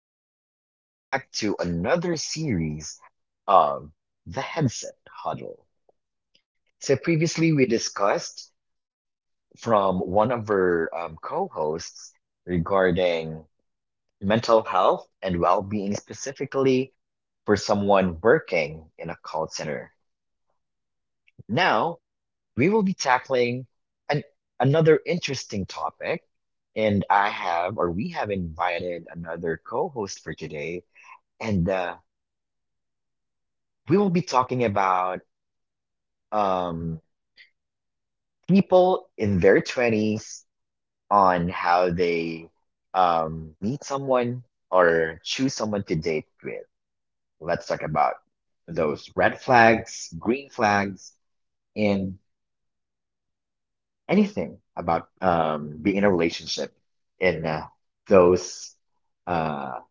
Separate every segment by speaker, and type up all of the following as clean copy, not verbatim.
Speaker 1: Hello, everyone, and welcome back to another series of the Headset Huddle. So, previously, we discussed from one of our co hosts regarding mental health and well being, specifically for someone working in a call center. Now, we will be tackling an, another interesting topic, and I have, or we have invited another co host for today. And We will be talking about um, people in their 20s on how they meet someone or choose someone to date with. Let's talk about those red flags, green flags, and anything about being in a relationship in those uh,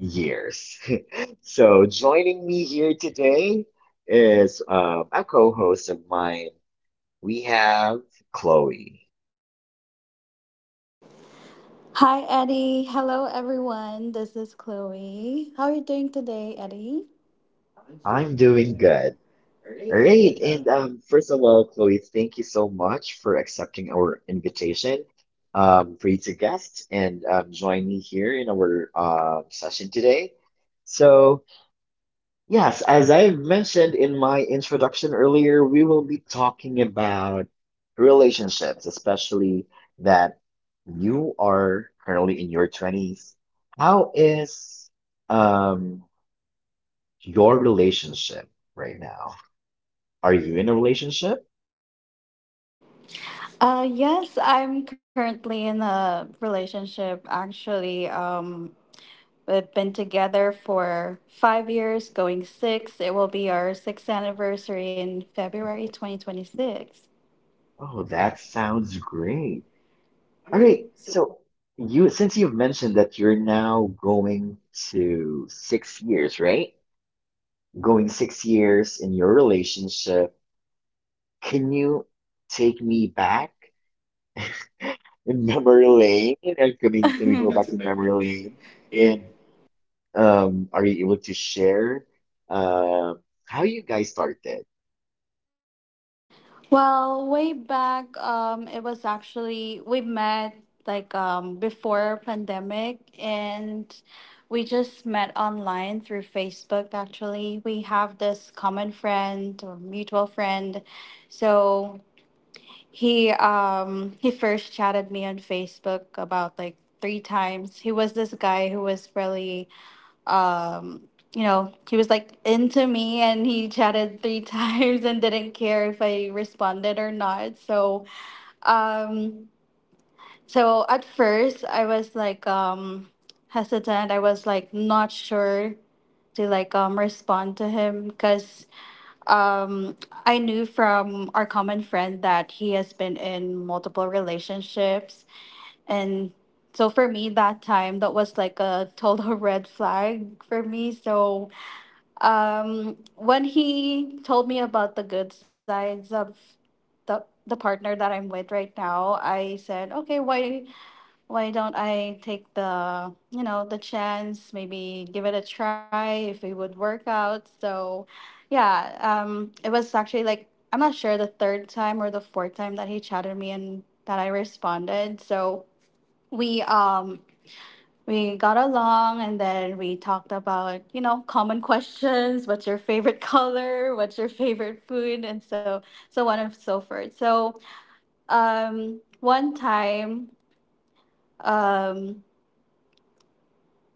Speaker 1: years. So joining me here today is a co-host of mine. We have Chloe.
Speaker 2: Hi, Eddie. Hello, everyone. This is Chloe. How are you doing today, Eddie?
Speaker 1: I'm doing good. All right, and first of all, Chloe, thank you so much for accepting our invitation for you to guest and join me here in our session today. So, yes, as I mentioned in my introduction earlier, we will be talking about relationships, especially that you are currently in your 20s. How is um your relationship right now? Are you in a relationship?
Speaker 2: Yes, I'm currently in a relationship. Actually, we've been together for 5 years, going six. It will be our sixth anniversary in February 2026.
Speaker 1: Oh, that sounds great. All right, so you since you've mentioned that you're now going to 6 years, right? Going 6 years in your relationship, can you take me back in memory lane? And, I mean, can we go back to memory lane? And are you able to share how you guys started?
Speaker 2: Well, way back, it was actually we met like before pandemic, and we just met online through Facebook. Actually, we have this common friend or mutual friend, so he first chatted me on Facebook about like three times. He was this guy who was really, um he was like into me, and he chatted three times and didn't care if I responded or not. So um so at first I was like, hesitant. I was like not sure to like, respond to him, because um I knew from our common friend that he has been in multiple relationships. And so for me, that time, that was like a total red flag for me. When he told me about the good sides of the partner that I'm with right now, I said, okay, why don't I take the you know the chance, maybe give it a try if it would work out. So, yeah, it was actually like I'm not sure the third time or the fourth time that he chatted me and that I responded. So we um we got along, and then we talked about, you know, common questions. What's your favorite color? What's your favorite food? And so, so on and so forth. So, one time, um,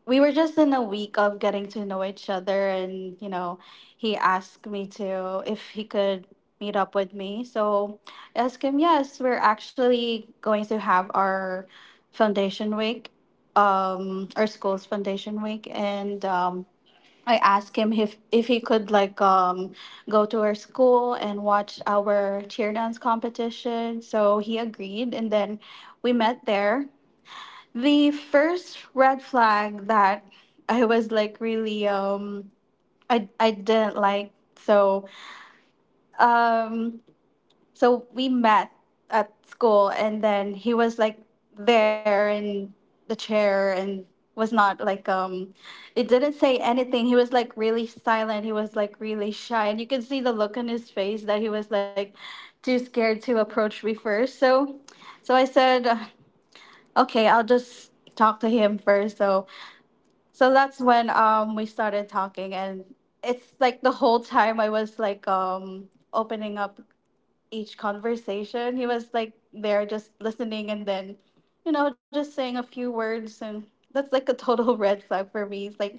Speaker 2: we were just in a week of getting to know each other, and, you know, he asked me to, if he could meet up with me. So I asked him, yes, we're actually going to have our foundation week, our school's foundation week, and I asked him if he could like, go to our school and watch our cheer dance competition. So he agreed, and then we met there. The first red flag that I was like really, I didn't like. So um so we met at school, and then he was like there in the chair, and was not like, he didn't say anything. He was like really silent, he was like really shy, and you could see the look on his face that he was like too scared to approach me first. So I said, okay, I'll just talk to him first. So that's when, we started talking, and it's like the whole time I was like, opening up each conversation. He was like there just listening, and then, you know, just saying a few words, and that's like a total red flag for me. It's like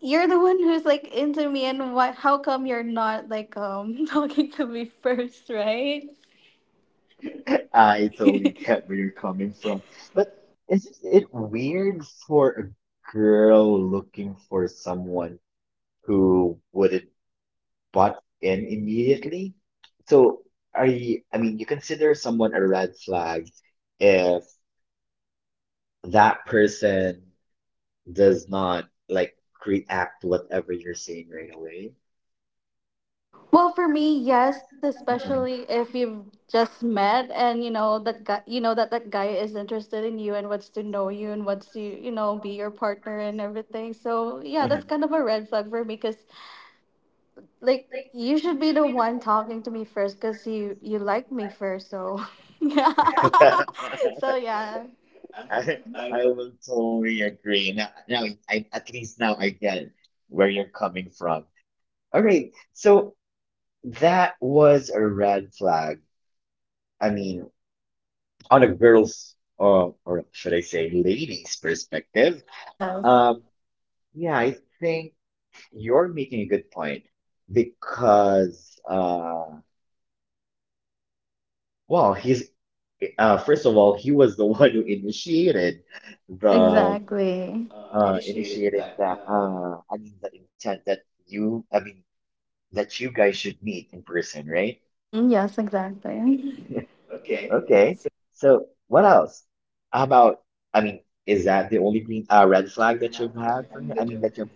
Speaker 2: you're the one who's like into me, and why how come you're not like, talking to me first, right? I
Speaker 1: I
Speaker 2: totally
Speaker 1: totally get
Speaker 2: get
Speaker 1: where
Speaker 2: where
Speaker 1: you're
Speaker 2: you're coming
Speaker 1: coming
Speaker 2: from.
Speaker 1: from, but
Speaker 2: But.
Speaker 1: isn't it weird for a girl looking for someone who wouldn't butt in immediately? So are you, I mean, you consider someone a red flag if that person does not like react to whatever you're saying right away.
Speaker 2: Well, for me, yes, especially if you've just met and you know that guy, you know that guy is interested in you and wants to know you and wants to, you know, be your partner and everything. So, yeah, that's
Speaker 1: Mhm.
Speaker 2: kind of a red flag for me, cuz like you should be the one talking to me first, cuz you like me first. So, yeah. So, yeah.
Speaker 1: I I will totally agree. Now, I at least now I get where you're coming from. All right, so that was a red flag. I mean, on a girl's or should I say lady's perspective.
Speaker 2: Yes.
Speaker 1: Um, yeah, I think you're making a good point because. Well, he's first of all, he was the one who initiated the
Speaker 2: Exactly.
Speaker 1: initiated that I mean the intent that you I mean that you guys should meet in person, right?
Speaker 2: Mhm, yes, exactly.
Speaker 1: Okay. So what else? How about, I mean, is that the only green red flag that you've had from him? I mean that you've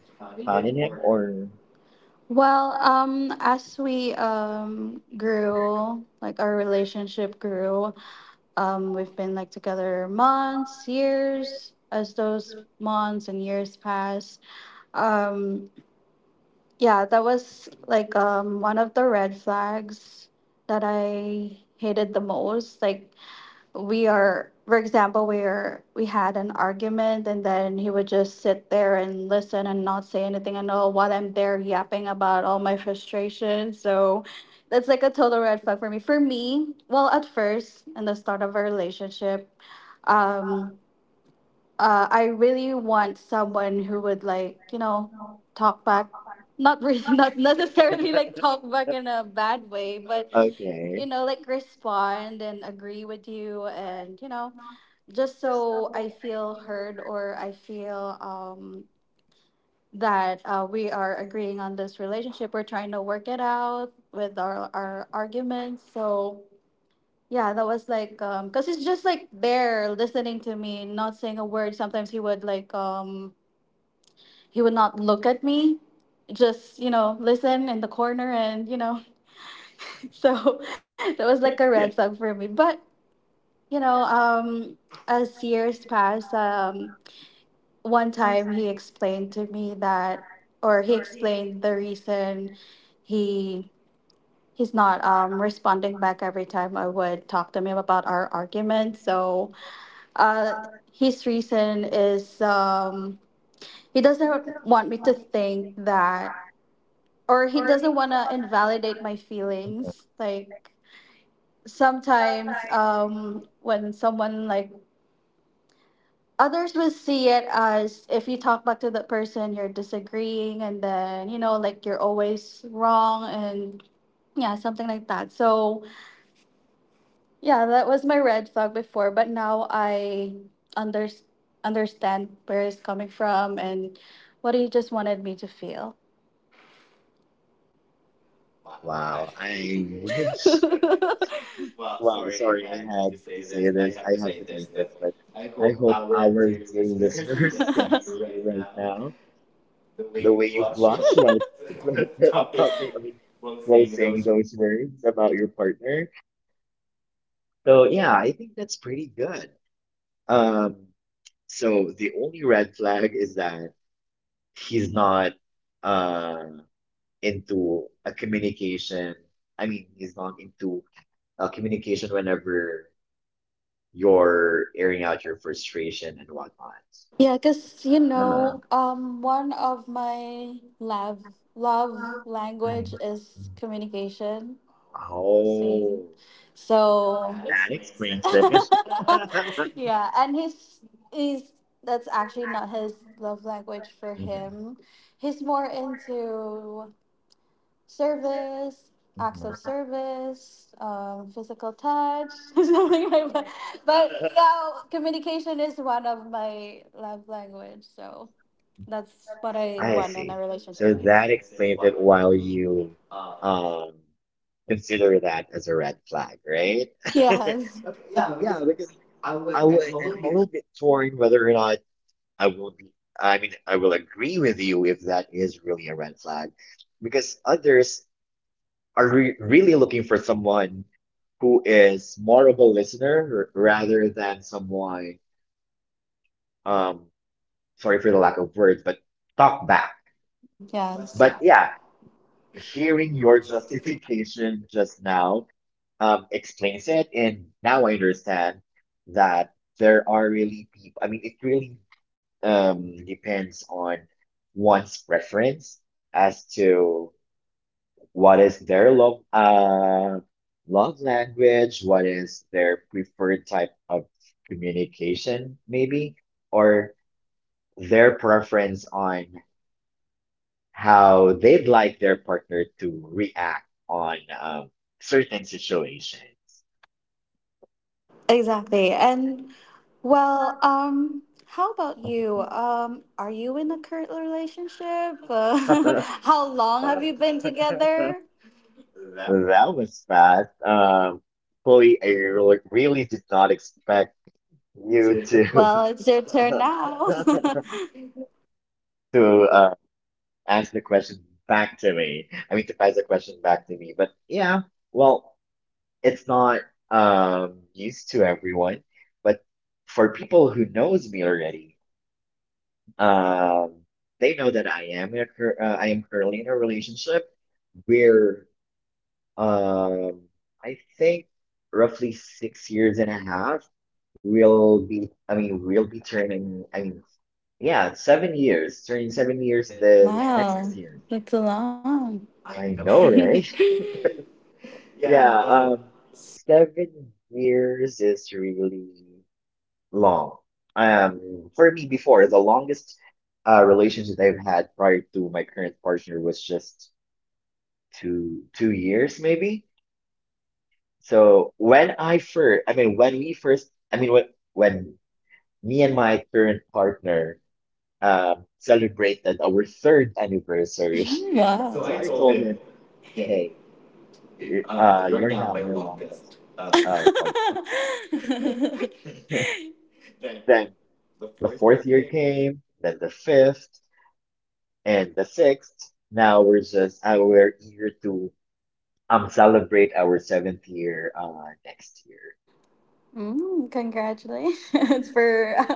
Speaker 1: found in him or
Speaker 2: Well, as we, grew, like our relationship grew, we've been like together months, years. As those months and years pass, um, yeah, that was like, one of the red flags that I hated the most. Like, we are for example we are we had an argument, and then he would just sit there and listen and not say anything, and all while I'm there yapping about all my frustration. So that's like a total red flag for me. Well, at first, in the start of our relationship, um I really want someone who would like, you know, talk back. Not really, not necessarily like talk back in a bad way, but you know,
Speaker 1: okay.
Speaker 2: like respond and agree with you, and you know, just so I feel heard, or I feel, that, we are agreeing on this relationship. We're trying to work it out with our arguments. So yeah, that was like, cause he's just like there listening to me, not saying a word. Sometimes he would like, he would not look at me, just, you know, listen in the corner, and, you know, so that was like a red flag for me. But, you know, as years passed, one time he explained to me that, or he explained the reason he he's not, responding back every time I would talk to him about our argument. So uh his reason is, he doesn't want me to think that, or he doesn't want to invalidate my feelings. Like, sometimes, when someone, like, others will see it as if you talk back to the person you're disagreeing, and then, you know, like, you're always wrong, and yeah, something like that. So yeah, that was my red flag before, but now I under- understand where it's coming from and what he just wanted me to feel.
Speaker 1: Wow, I wish. Wow, sorry, I had to say this. I have to say this, but I hope our dear listeners can see you right now. The way you blush while talking, I mean, while saying those words about your partner. So yeah, I think that's pretty good. Um, so the only red flag is that he's not uh into a communication. I mean, he's not into communication whenever your airing out your frustration and whatnot.
Speaker 2: Yeah, because you know,
Speaker 1: Uh-huh.
Speaker 2: one of my love language
Speaker 1: Mm.
Speaker 2: is communication. See,
Speaker 1: Oh,
Speaker 2: so
Speaker 1: that explains this.
Speaker 2: yeah, and his is, that's actually not his love language for
Speaker 1: Mhm,
Speaker 2: him. He's more into service, acts of
Speaker 1: mhm.
Speaker 2: service, physical touch, something like that. But yeah, communication is one of my love language, so that's what I
Speaker 1: I
Speaker 2: want in
Speaker 1: see.
Speaker 2: a relationship.
Speaker 1: So
Speaker 2: Yes.
Speaker 1: that explains it while you um consider that as a red flag, right? Yeah, because I'm a little bit torn whether or not I will be, I mean, I will agree with you if that is really a red flag, because others are re really looking for someone who is more of a listener, rather than someone, um, sorry for the lack of words, but talk back.
Speaker 2: Mm, yes.
Speaker 1: But
Speaker 2: Yeah.
Speaker 1: yeah, hearing your justification just now, explains it. And now I understand that there are really people, I mean, it really, depends on one's preference as to what is their love love language, what is their preferred type of communication, maybe, or their preference on how they'd like their partner to react on certain situations.
Speaker 2: Exactly. And well, how about you? Are you in a current relationship?
Speaker 1: That
Speaker 2: How long have you been together?
Speaker 1: was fast, Chloe, I really really did not expect you to to ask the question back to me. I mean, to pass the question back to me. But yeah, well, it's not used to everyone, but for people who knows me already, um, they know that I am currently in a relationship where um I think roughly 6 years and a half will be. I mean, we'll be turning. I mean, yeah, 7 years, turning 7 years the next year.
Speaker 2: That's long.
Speaker 1: I know, right? Yeah, 7 years is really long. For me before, the longest relationship I've had prior to my current partner was just two two years maybe. So when I first, I mean when we first, I mean when when me and my current partner celebrated our third anniversary.
Speaker 2: Wow.
Speaker 1: So I told him, "Hey, you're now my longest partner." The fourth year came, then the fifth, and the sixth. Now we're eager to celebrate our seventh year next
Speaker 2: Mm, congratulations for,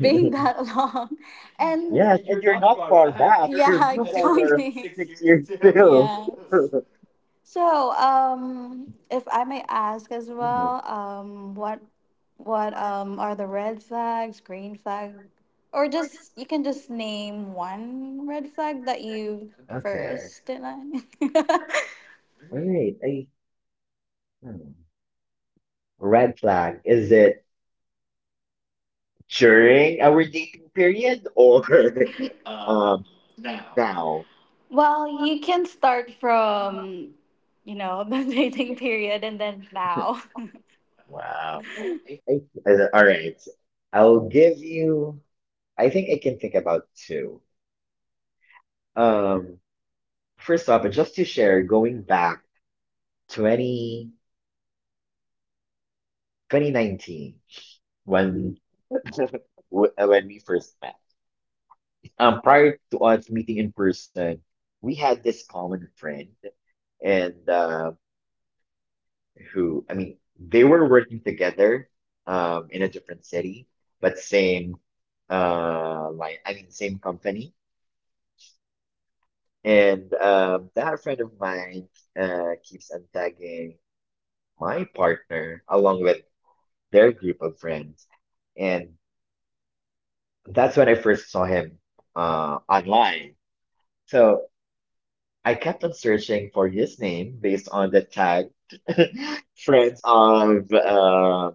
Speaker 1: year.
Speaker 2: being that long. And
Speaker 1: Yes, and you're not far back. You're, you guys are 6 years still. Hmm,
Speaker 2: So, if I may ask as well, what are the red flags, green flag, or just you can just name one red flag that you Okay.
Speaker 1: okay.
Speaker 2: first didn't I?
Speaker 1: All right. Hmm. Red flag. Is it during our dating period or um now?
Speaker 2: Well, you can start from, you know, the dating period and then now.
Speaker 1: Wow. I, all right. I'll give you, I think I can think about two. Um, first off, just to share, going back 20 2019 when when we first met. Prior to us meeting in person, we had this common friend, and who, I mean, they were working together, in a different city, but same, I mean, same company. And that friend of mine keeps on tagging my partner along with their group of friends. And that's when I first saw him online. So I kept on searching for his name based on the tag friends of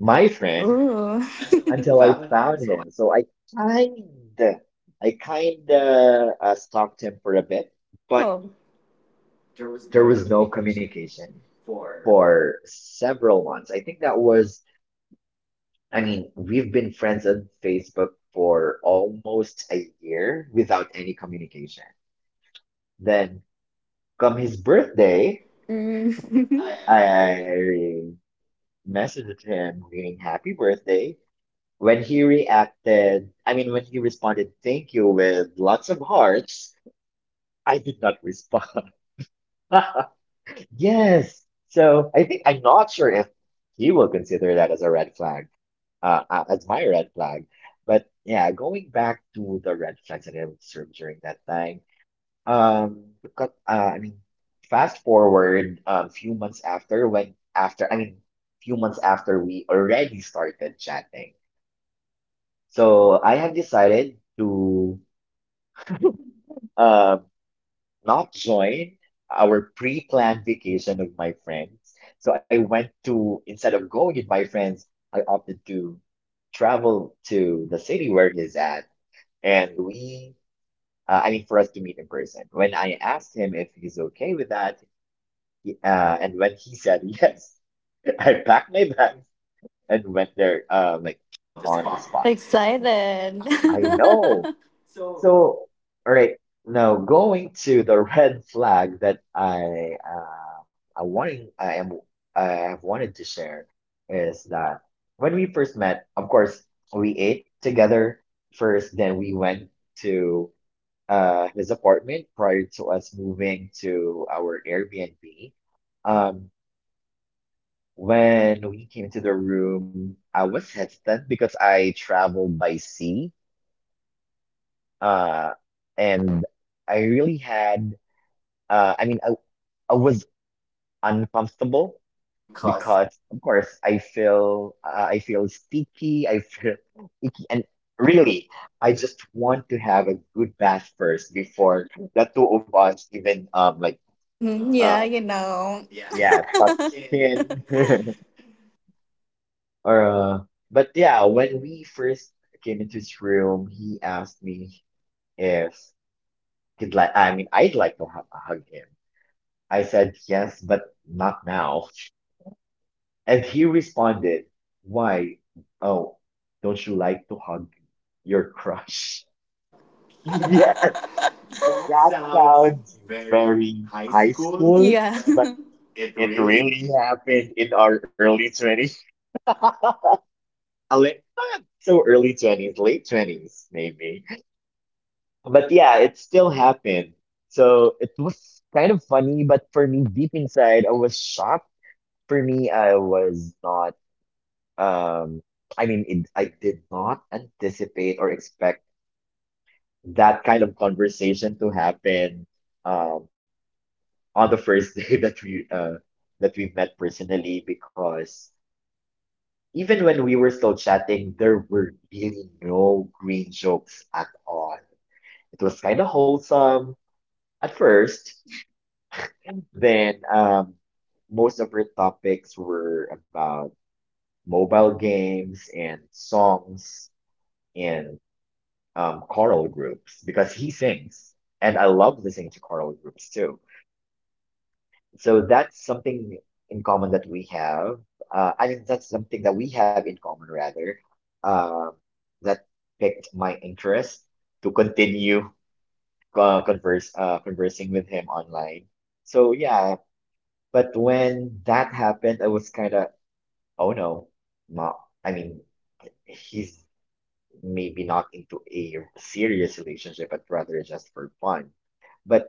Speaker 1: my friend
Speaker 2: Ooh.
Speaker 1: until I
Speaker 2: Family
Speaker 1: found
Speaker 2: so.
Speaker 1: him. So kind I kind of stalked him for a bit, but
Speaker 2: Oh.
Speaker 1: there was no communication for several months. I think that was, I mean, we've been friends on Facebook for almost a year without any communication. Then, come his birthday,
Speaker 2: Mm.
Speaker 1: I messaged him saying happy birthday. When he reacted, I mean, when he responded, thank you with lots of hearts, I did not respond. Yes. So I think I'm not sure if he will consider that as a red flag, as my red flag. But yeah, going back to the red flags that I observed during that time, because, I mean, fast forward a few months after when after I mean, few months after we already started chatting. So I have decided to um not join our pre-planned vacation with my friends. So I went to instead of going with my friends, I opted to travel to the city where he's at. And we, I mean, for us to meet in person. When I asked him if he's okay with that, he, and when he said yes, I packed my bags and went there, on the spot.
Speaker 2: Excited.
Speaker 1: I know. So, all right, now going to the red flag that I wanting, I am, I have wanted to share is that when we first met, of course, we ate together first, then we went to his apartment prior to us moving to our Airbnb. Um, when we came to the room, I was hesitant because I traveled by sea, uh, and I really had, I mean, I was uncomfortable because, of course, I feel sticky, I feel icky, and really, I just want to have a good bath first before the two of us even,
Speaker 2: Hmm,
Speaker 1: uh,
Speaker 2: know.
Speaker 1: Yeah, tough skin. Or but yeah, when we first came into his room, he asked me if he'd like. I mean, I'd like to hug him. I said yes, but not now. And he responded, "Why? Oh, don't you like to hug your crush?" Yeah, that sounds very high school,
Speaker 2: Yeah.
Speaker 1: but it really happened in our early 20s. A not so early 20s, late 20s, maybe. But yeah, it still happened. So it was kind of funny, but for me, deep inside, I was shocked. For me, I was not, um, I mean, I did not anticipate or expect that kind of conversation to happen, um, on the first day that we, met personally because even when we were still chatting, there were really no green jokes at all. It was kind of wholesome at first. Then most of her topics were about mobile games and songs and choral groups because he sings. And I love listening to choral groups too. So that's something in common that we have. I think that's something that we have in common, rather, uh, that picked my interest to continue converse conversing with him online. So yeah. But when that happened, I was kind of, oh no, not, I mean, he's maybe not into a serious relationship, but rather just for fun. But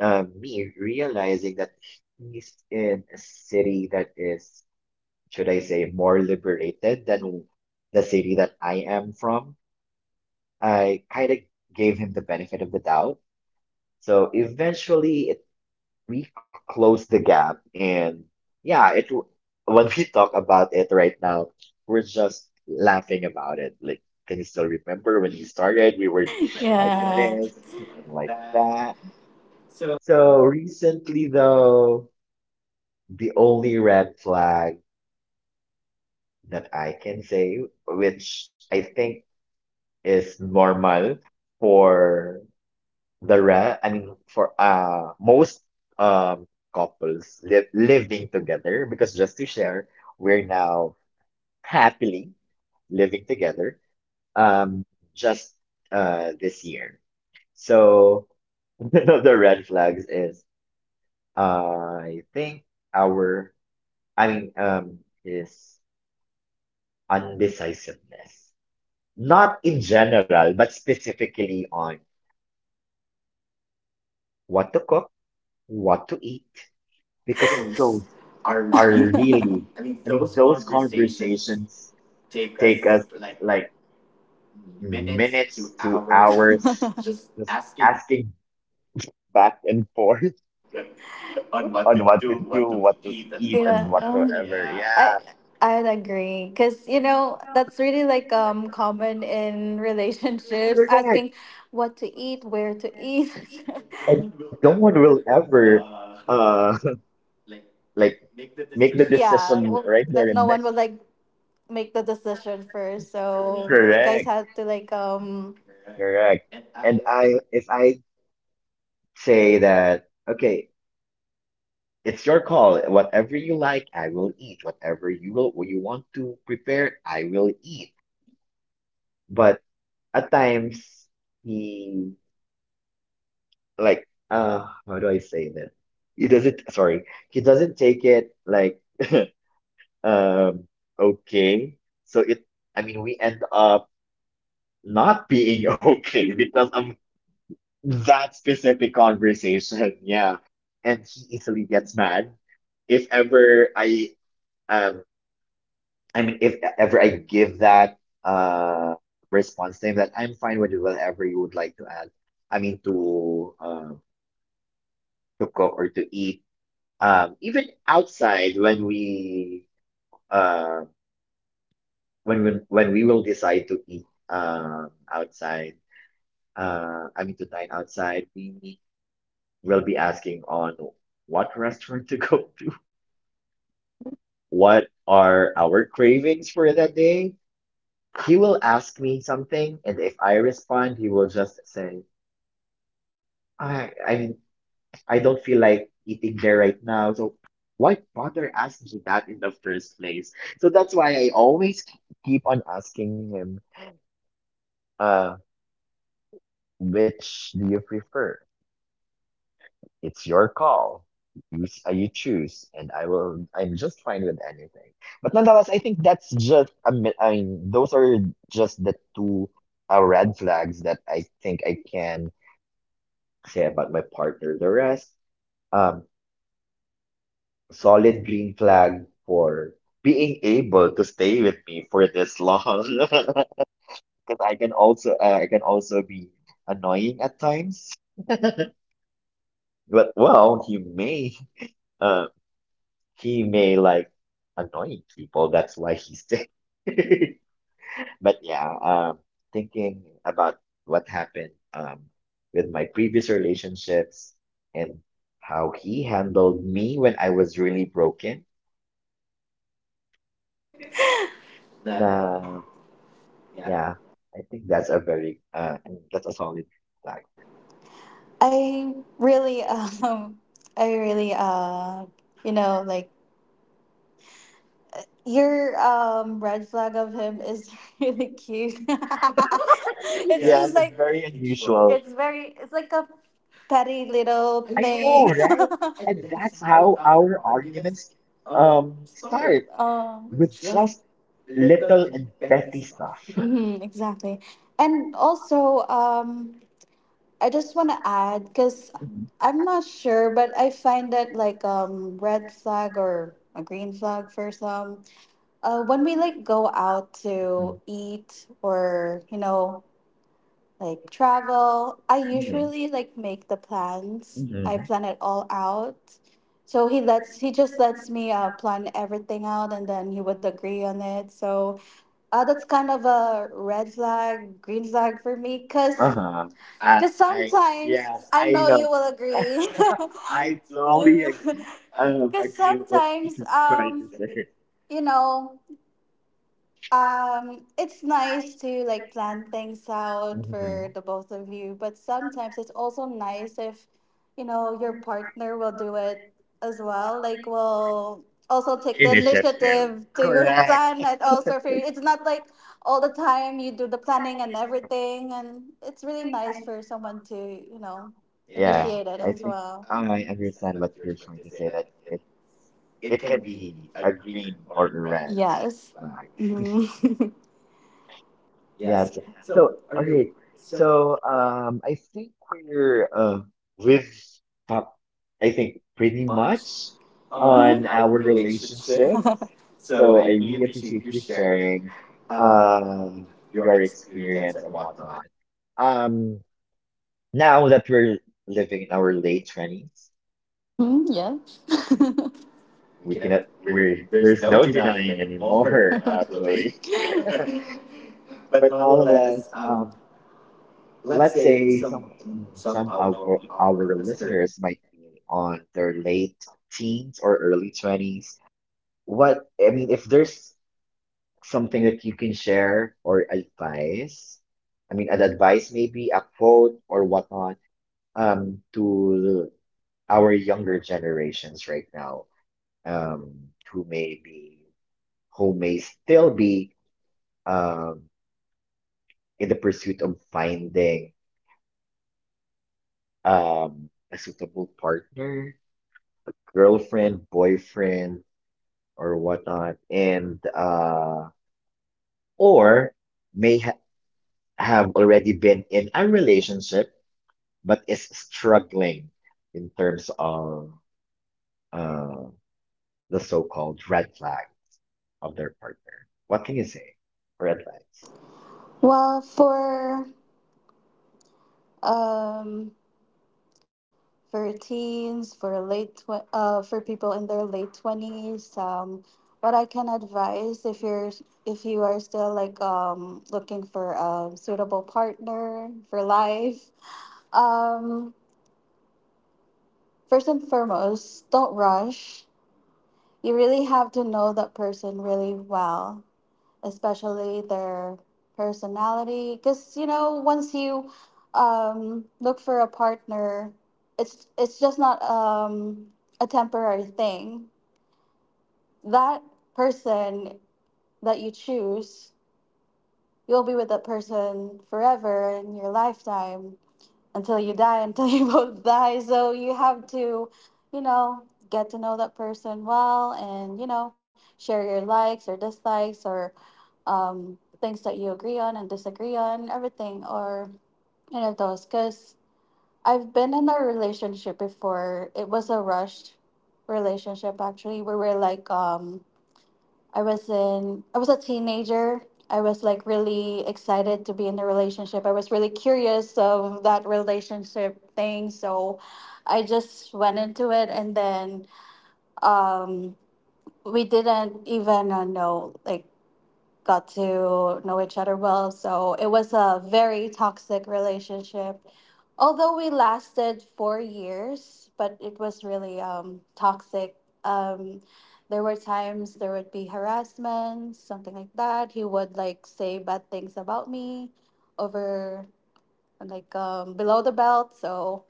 Speaker 1: me realizing that he's in a city that is, should I say, more liberated than the city that I am from, I kind of gave him the benefit of the doubt. So eventually, it we close the gap and yeah, it when we talk about it right now, we're just laughing about it like, can you still remember when you started? We were like this and like that. So recently though, the only red flag that I can say, which I think is normal for the ra I mean for most um couples li living together, because just to share, we're now happily living together, um just this year. So one of the red flags is I think our I mean is undecisiveness. Not in general, but specifically on what to cook, what to eat, because those are really, I mean, those conversations take us like minutes to hours, just asking back and forth on what to do, what to eat, and
Speaker 2: Yeah.
Speaker 1: whatsoever.
Speaker 2: I
Speaker 1: Yeah,
Speaker 2: I'd agree, because you know that's really like, common in relationships, asking
Speaker 1: correct.
Speaker 2: what to eat, where to eat.
Speaker 1: And no one will ever, uh, like make the
Speaker 2: Yeah, well,
Speaker 1: decision right
Speaker 2: that
Speaker 1: there
Speaker 2: no
Speaker 1: and
Speaker 2: one
Speaker 1: then.
Speaker 2: will like make the decision first. So you guys
Speaker 1: Correct,
Speaker 2: have to like,
Speaker 1: correct. And if I say that, okay, it's your call. Whatever you like, I will eat. You want to prepare, I will eat. But at times, he like, how do I say that? He doesn't, sorry, he doesn't take it like, um, okay. So it, I mean, we end up not being okay because of that specific conversation. Yeah. And he easily gets mad if ever um I mean, if ever I give that uh response name, that I'm fine with whatever you would like to add. I mean, to cook or to eat. Even outside when we uh when we will decide to eat outside, I mean to dine outside, we will be asking on what restaurant to go to, what are our cravings for that day. He will ask me something, and if I respond, he will just say, "I I I don't feel like eating there right now." So why bother asking me that in the first place? So that's why I always keep on asking him, "Uh, which do you prefer? It's your call. You choose, and I will. I'm just fine with anything." But nonetheless, I think that's just a mi- I mean, those are just the two red flags that I think I can say about my partner. The rest, um, solid green flag for being able to stay with me for this long. Because I can also be annoying at times. But well, uh, he may like annoying people. That's why he stayed. But yeah, thinking about what happened, with my previous relationships and how he handled me when I was really broken. Nah, yeah, I think that's a very I mean, that's a solid flag.
Speaker 2: I really, I really, you know, like your, red flag of him is really cute. It's Yes, just
Speaker 1: Yes,
Speaker 2: it's
Speaker 1: it's
Speaker 2: like
Speaker 1: very
Speaker 2: very unusual.
Speaker 1: unusual.
Speaker 2: It's very, it's like a petty little I know,
Speaker 1: I know,
Speaker 2: thing.
Speaker 1: right?
Speaker 2: Right?
Speaker 1: And that's how our arguments start
Speaker 2: With
Speaker 1: with
Speaker 2: just,
Speaker 1: just little and petty stuff.
Speaker 2: hmm, exactly. And also, I just want to add, cuz I'm not sure, but I find that like, red flag or a green flag for some, when we like go out to eat, or you know, like travel. I
Speaker 1: Mhm.
Speaker 2: usually like make the plans. I
Speaker 1: Mhm.
Speaker 2: plan it all out. So he just lets me, plan everything out, and then he would agree on it. So, that's kind of a red flag, green flag for me,
Speaker 1: Mhm.
Speaker 2: cause.
Speaker 1: Uh-huh. I,
Speaker 2: Because
Speaker 1: I
Speaker 2: sometimes,
Speaker 1: yes,
Speaker 2: I
Speaker 1: I
Speaker 2: know you
Speaker 1: know.
Speaker 2: will agree. I
Speaker 1: I totally
Speaker 2: totally.
Speaker 1: ag- um,
Speaker 2: Because
Speaker 1: agree with what
Speaker 2: sometimes,
Speaker 1: you tried to say.
Speaker 2: you know, it's nice to like plan things out for
Speaker 1: Mhm.
Speaker 2: the both of you, but sometimes it's also nice if, you know, your partner will do it as well. Like, will also take the initiative to
Speaker 1: Correct.
Speaker 2: plan it also for you. It's not like all the time you do the planning and everything, and it's really nice for someone to, you know, yeah,
Speaker 1: Yeah,
Speaker 2: initiate it
Speaker 1: I
Speaker 2: as
Speaker 1: think
Speaker 2: well. I
Speaker 1: I
Speaker 2: understand
Speaker 1: understand
Speaker 2: what
Speaker 1: what
Speaker 2: you're
Speaker 1: you're
Speaker 2: trying
Speaker 1: trying
Speaker 2: to
Speaker 1: to
Speaker 2: say
Speaker 1: say
Speaker 2: that
Speaker 1: that
Speaker 2: it, it
Speaker 1: it
Speaker 2: can
Speaker 1: can
Speaker 2: be
Speaker 1: be a
Speaker 2: agreed
Speaker 1: green
Speaker 2: or
Speaker 1: or a
Speaker 2: read.
Speaker 1: red
Speaker 2: Yes.
Speaker 1: flag.
Speaker 2: Mhm.
Speaker 1: Yes. So, okay. So, I think we've talked, I think, pretty much on our
Speaker 2: Mm-hmm.
Speaker 1: relationships. So I really appreciate you sharing um your experience and whatnot. Um, now that we're living in our late 20s,
Speaker 2: Mm-hmm, yeah.
Speaker 1: we cannot, we there's no denying anymore actually. But nonetheless, let's say some of our listeners might be on their late teens or early 20s. What I mean, if there's something that you can share or advice, I mean an advice, maybe a quote or whatnot, to our younger generations right now, um who may be who may still be um, in the pursuit of finding a suitable partner, girlfriend, boyfriend, or whatnot, and or may ha have already been in a relationship but is struggling in terms of uh, the so-called red flag of their partner. What can you say for advice?
Speaker 2: Well, um for teens, for people in their late 20s, what I can advise if you're if you are still like, looking for a suitable partner for life, um first and foremost, don't rush. You really have to know that person really well, especially their personality. Because, you know, once you, look for a partner, it's just not, a temporary thing. That person that you choose, you'll be with that person forever in your lifetime until you die, until you both die. So you have to, you know, get to know that person well, and, you know, share your likes or dislikes, or, things that you agree on and disagree on, everything or any of those. Because I've been in a relationship before. It was a rushed relationship, actually. We were like, I was a teenager. I was like really excited to be in the relationship. I was really curious of that relationship thing, so I just went into it, and then, um we didn't even, know like got to know each other well. So it was a very toxic relationship. Although we lasted 4 years, but it was really, toxic. Um, there were times there would be harassment, something like that. He would like say bad things about me over, like, below the belt. So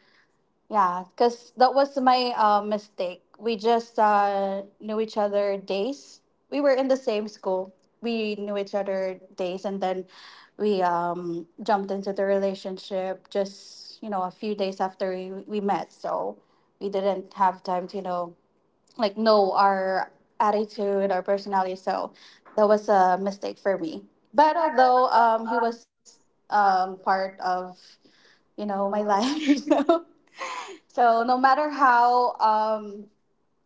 Speaker 2: yeah, because that was my, mistake. We just, knew each other days. We were in the same school. We knew each other days, and then we, jumped into the relationship just, you know, a few days after we met. So we didn't have time to, you know, like, know our attitude, our personality. So that was a mistake for me. But although, he was, part of, you know, my life, so so no matter how um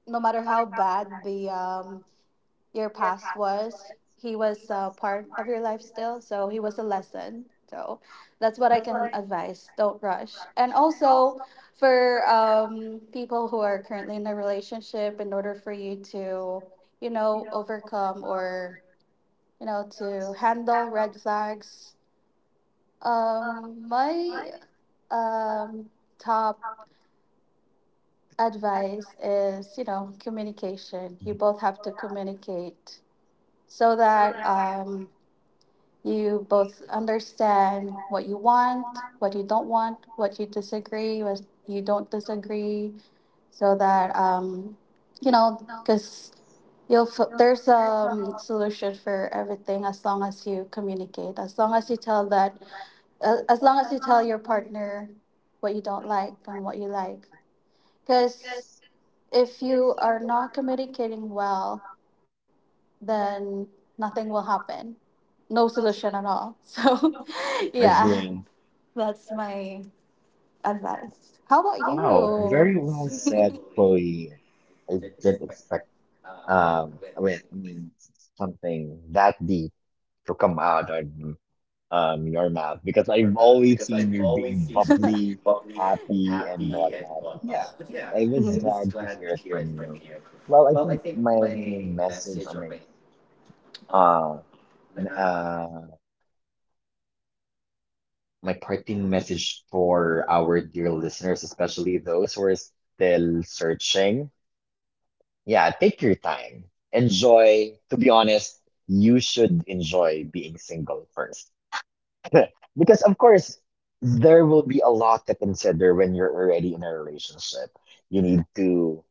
Speaker 2: no matter how bad the your past was, he was a part of your life still. So he was a lesson. So that's what I can advise. Don't rush. And also, for, people who are currently in a relationship, in order for you to, you know, overcome, or you know, to handle red flags, my, um top advice is, you know, communication.
Speaker 1: Mhm.
Speaker 2: You both have to communicate, so that, you both understand what you want, what you don't want, what you disagree, what you don't disagree. So that, you know, because there's a solution for everything, as long as you communicate, as long as you tell that, as long as you tell your partner what you don't like and what you like. Because if you are not communicating well, then nothing will happen. No solution at all. So, yeah,
Speaker 1: Agree.
Speaker 2: that's my advice. How about
Speaker 1: Wow,
Speaker 2: you?
Speaker 1: very well said, Chloe. I didn't expect I mean something that deep to come out of your mouth, because I've always seen you being bubbly, happy and whatnot. But yeah, I was
Speaker 2: Mhm.
Speaker 1: glad to hear it from you. Well, I think my message or my uh uh my parting message for our dear listeners, especially those who are still searching. Yeah, take your time. Enjoy. To be honest, you should enjoy being single first. Because, of course, there will be a lot to consider when you're already in a relationship. You need to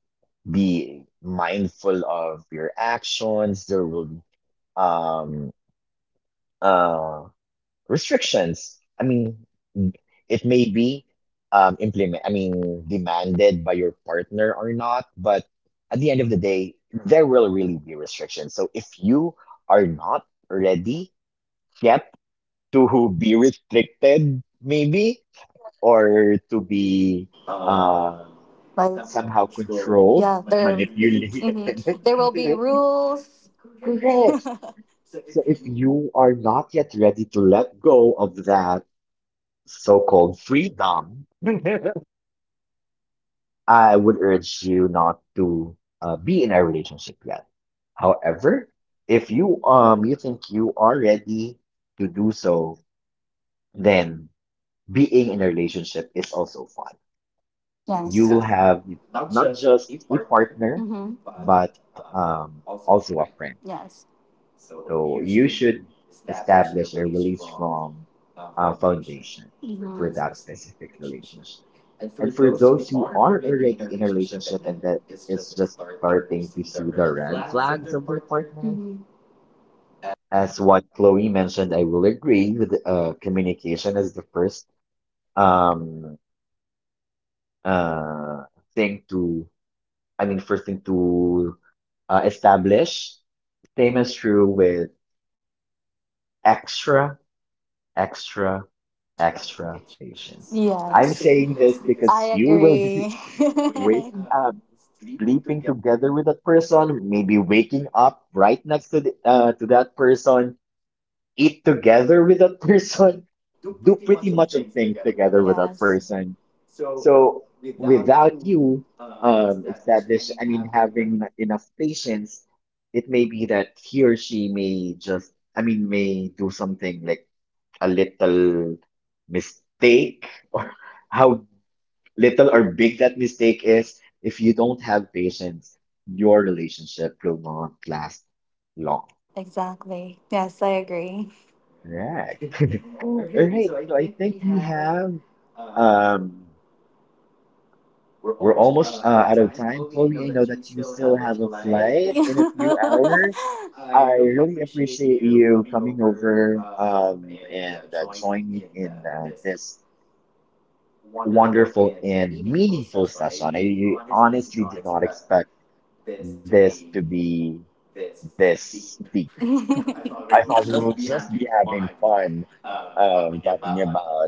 Speaker 1: be mindful of your actions. There will be um uh restrictions. I mean, it may be I mean, demanded by your partner or not, but at the end of the day, there will really be restrictions. So if you are not ready yet to be restricted, maybe, or to be um,
Speaker 2: Like,
Speaker 1: somehow controlled,
Speaker 2: yeah, there,
Speaker 1: manipulated.
Speaker 2: mhm. There will be rules.
Speaker 1: Correct. So if you are not yet ready to let go of that so-called freedom, I would urge you not to be in a relationship yet. However, if you you think you are ready to do so, then being in a relationship is also fun. You will
Speaker 2: Yes.
Speaker 1: have not just a partner,
Speaker 2: Mm-hmm.
Speaker 1: but also a friend.
Speaker 2: Yes.
Speaker 1: So you should establish a really strong foundation for
Speaker 2: Mm-hmm.
Speaker 1: that specific relationship. And for those who are already in a relationship and that is just starting to see the red flags of their partner,
Speaker 2: Mm-hmm.
Speaker 1: as what Chloe mentioned, I will agree with communication is the first um, uh, thing to, I mean, first thing to establish. Same is true with extra extra, extra patience. I'm
Speaker 2: Yes.
Speaker 1: saying this
Speaker 2: I
Speaker 1: because you will be
Speaker 2: agree.
Speaker 1: waking up, sleeping together with that person, maybe waking up right next to to that person, eat together with that person, do pretty much of things together with that
Speaker 2: Yes.
Speaker 1: person. So without you, I mean, having enough patience, it may be that he or she may just, I mean, may do something like a little mistake or how little or big that mistake is, if you don't have patience, your relationship will not last long.
Speaker 2: Exactly. Yes, I agree.
Speaker 1: Correct. All right. So I think we have um we're almost out of time. Chloe, I know that you still have a flight in a few hours. I really appreciate you coming over and joining in this wonderful and meaningful session. I honestly did not expect this to be this deep. I thought we would just be having fun talking about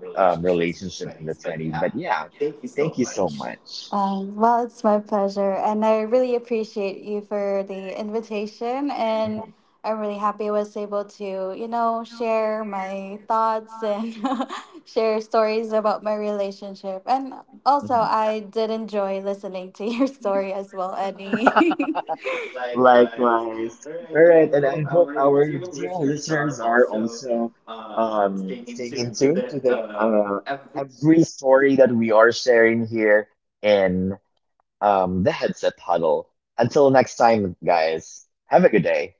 Speaker 1: relationships in the 20s. But yeah, thank you so much.
Speaker 2: Well, it's my pleasure, and I really appreciate you for the invitation.
Speaker 1: Mhm,
Speaker 2: And I'm really happy I was able to, you know, share my thoughts, and share stories about my relationship. And also,
Speaker 1: mhm.
Speaker 2: I did enjoy listening to your story as well, Eddie.
Speaker 1: Likewise. All right, and I hope our dear listeners are also staying in tune to the every story that we are sharing here in the Headset Huddle. Until next time, guys, have a good day.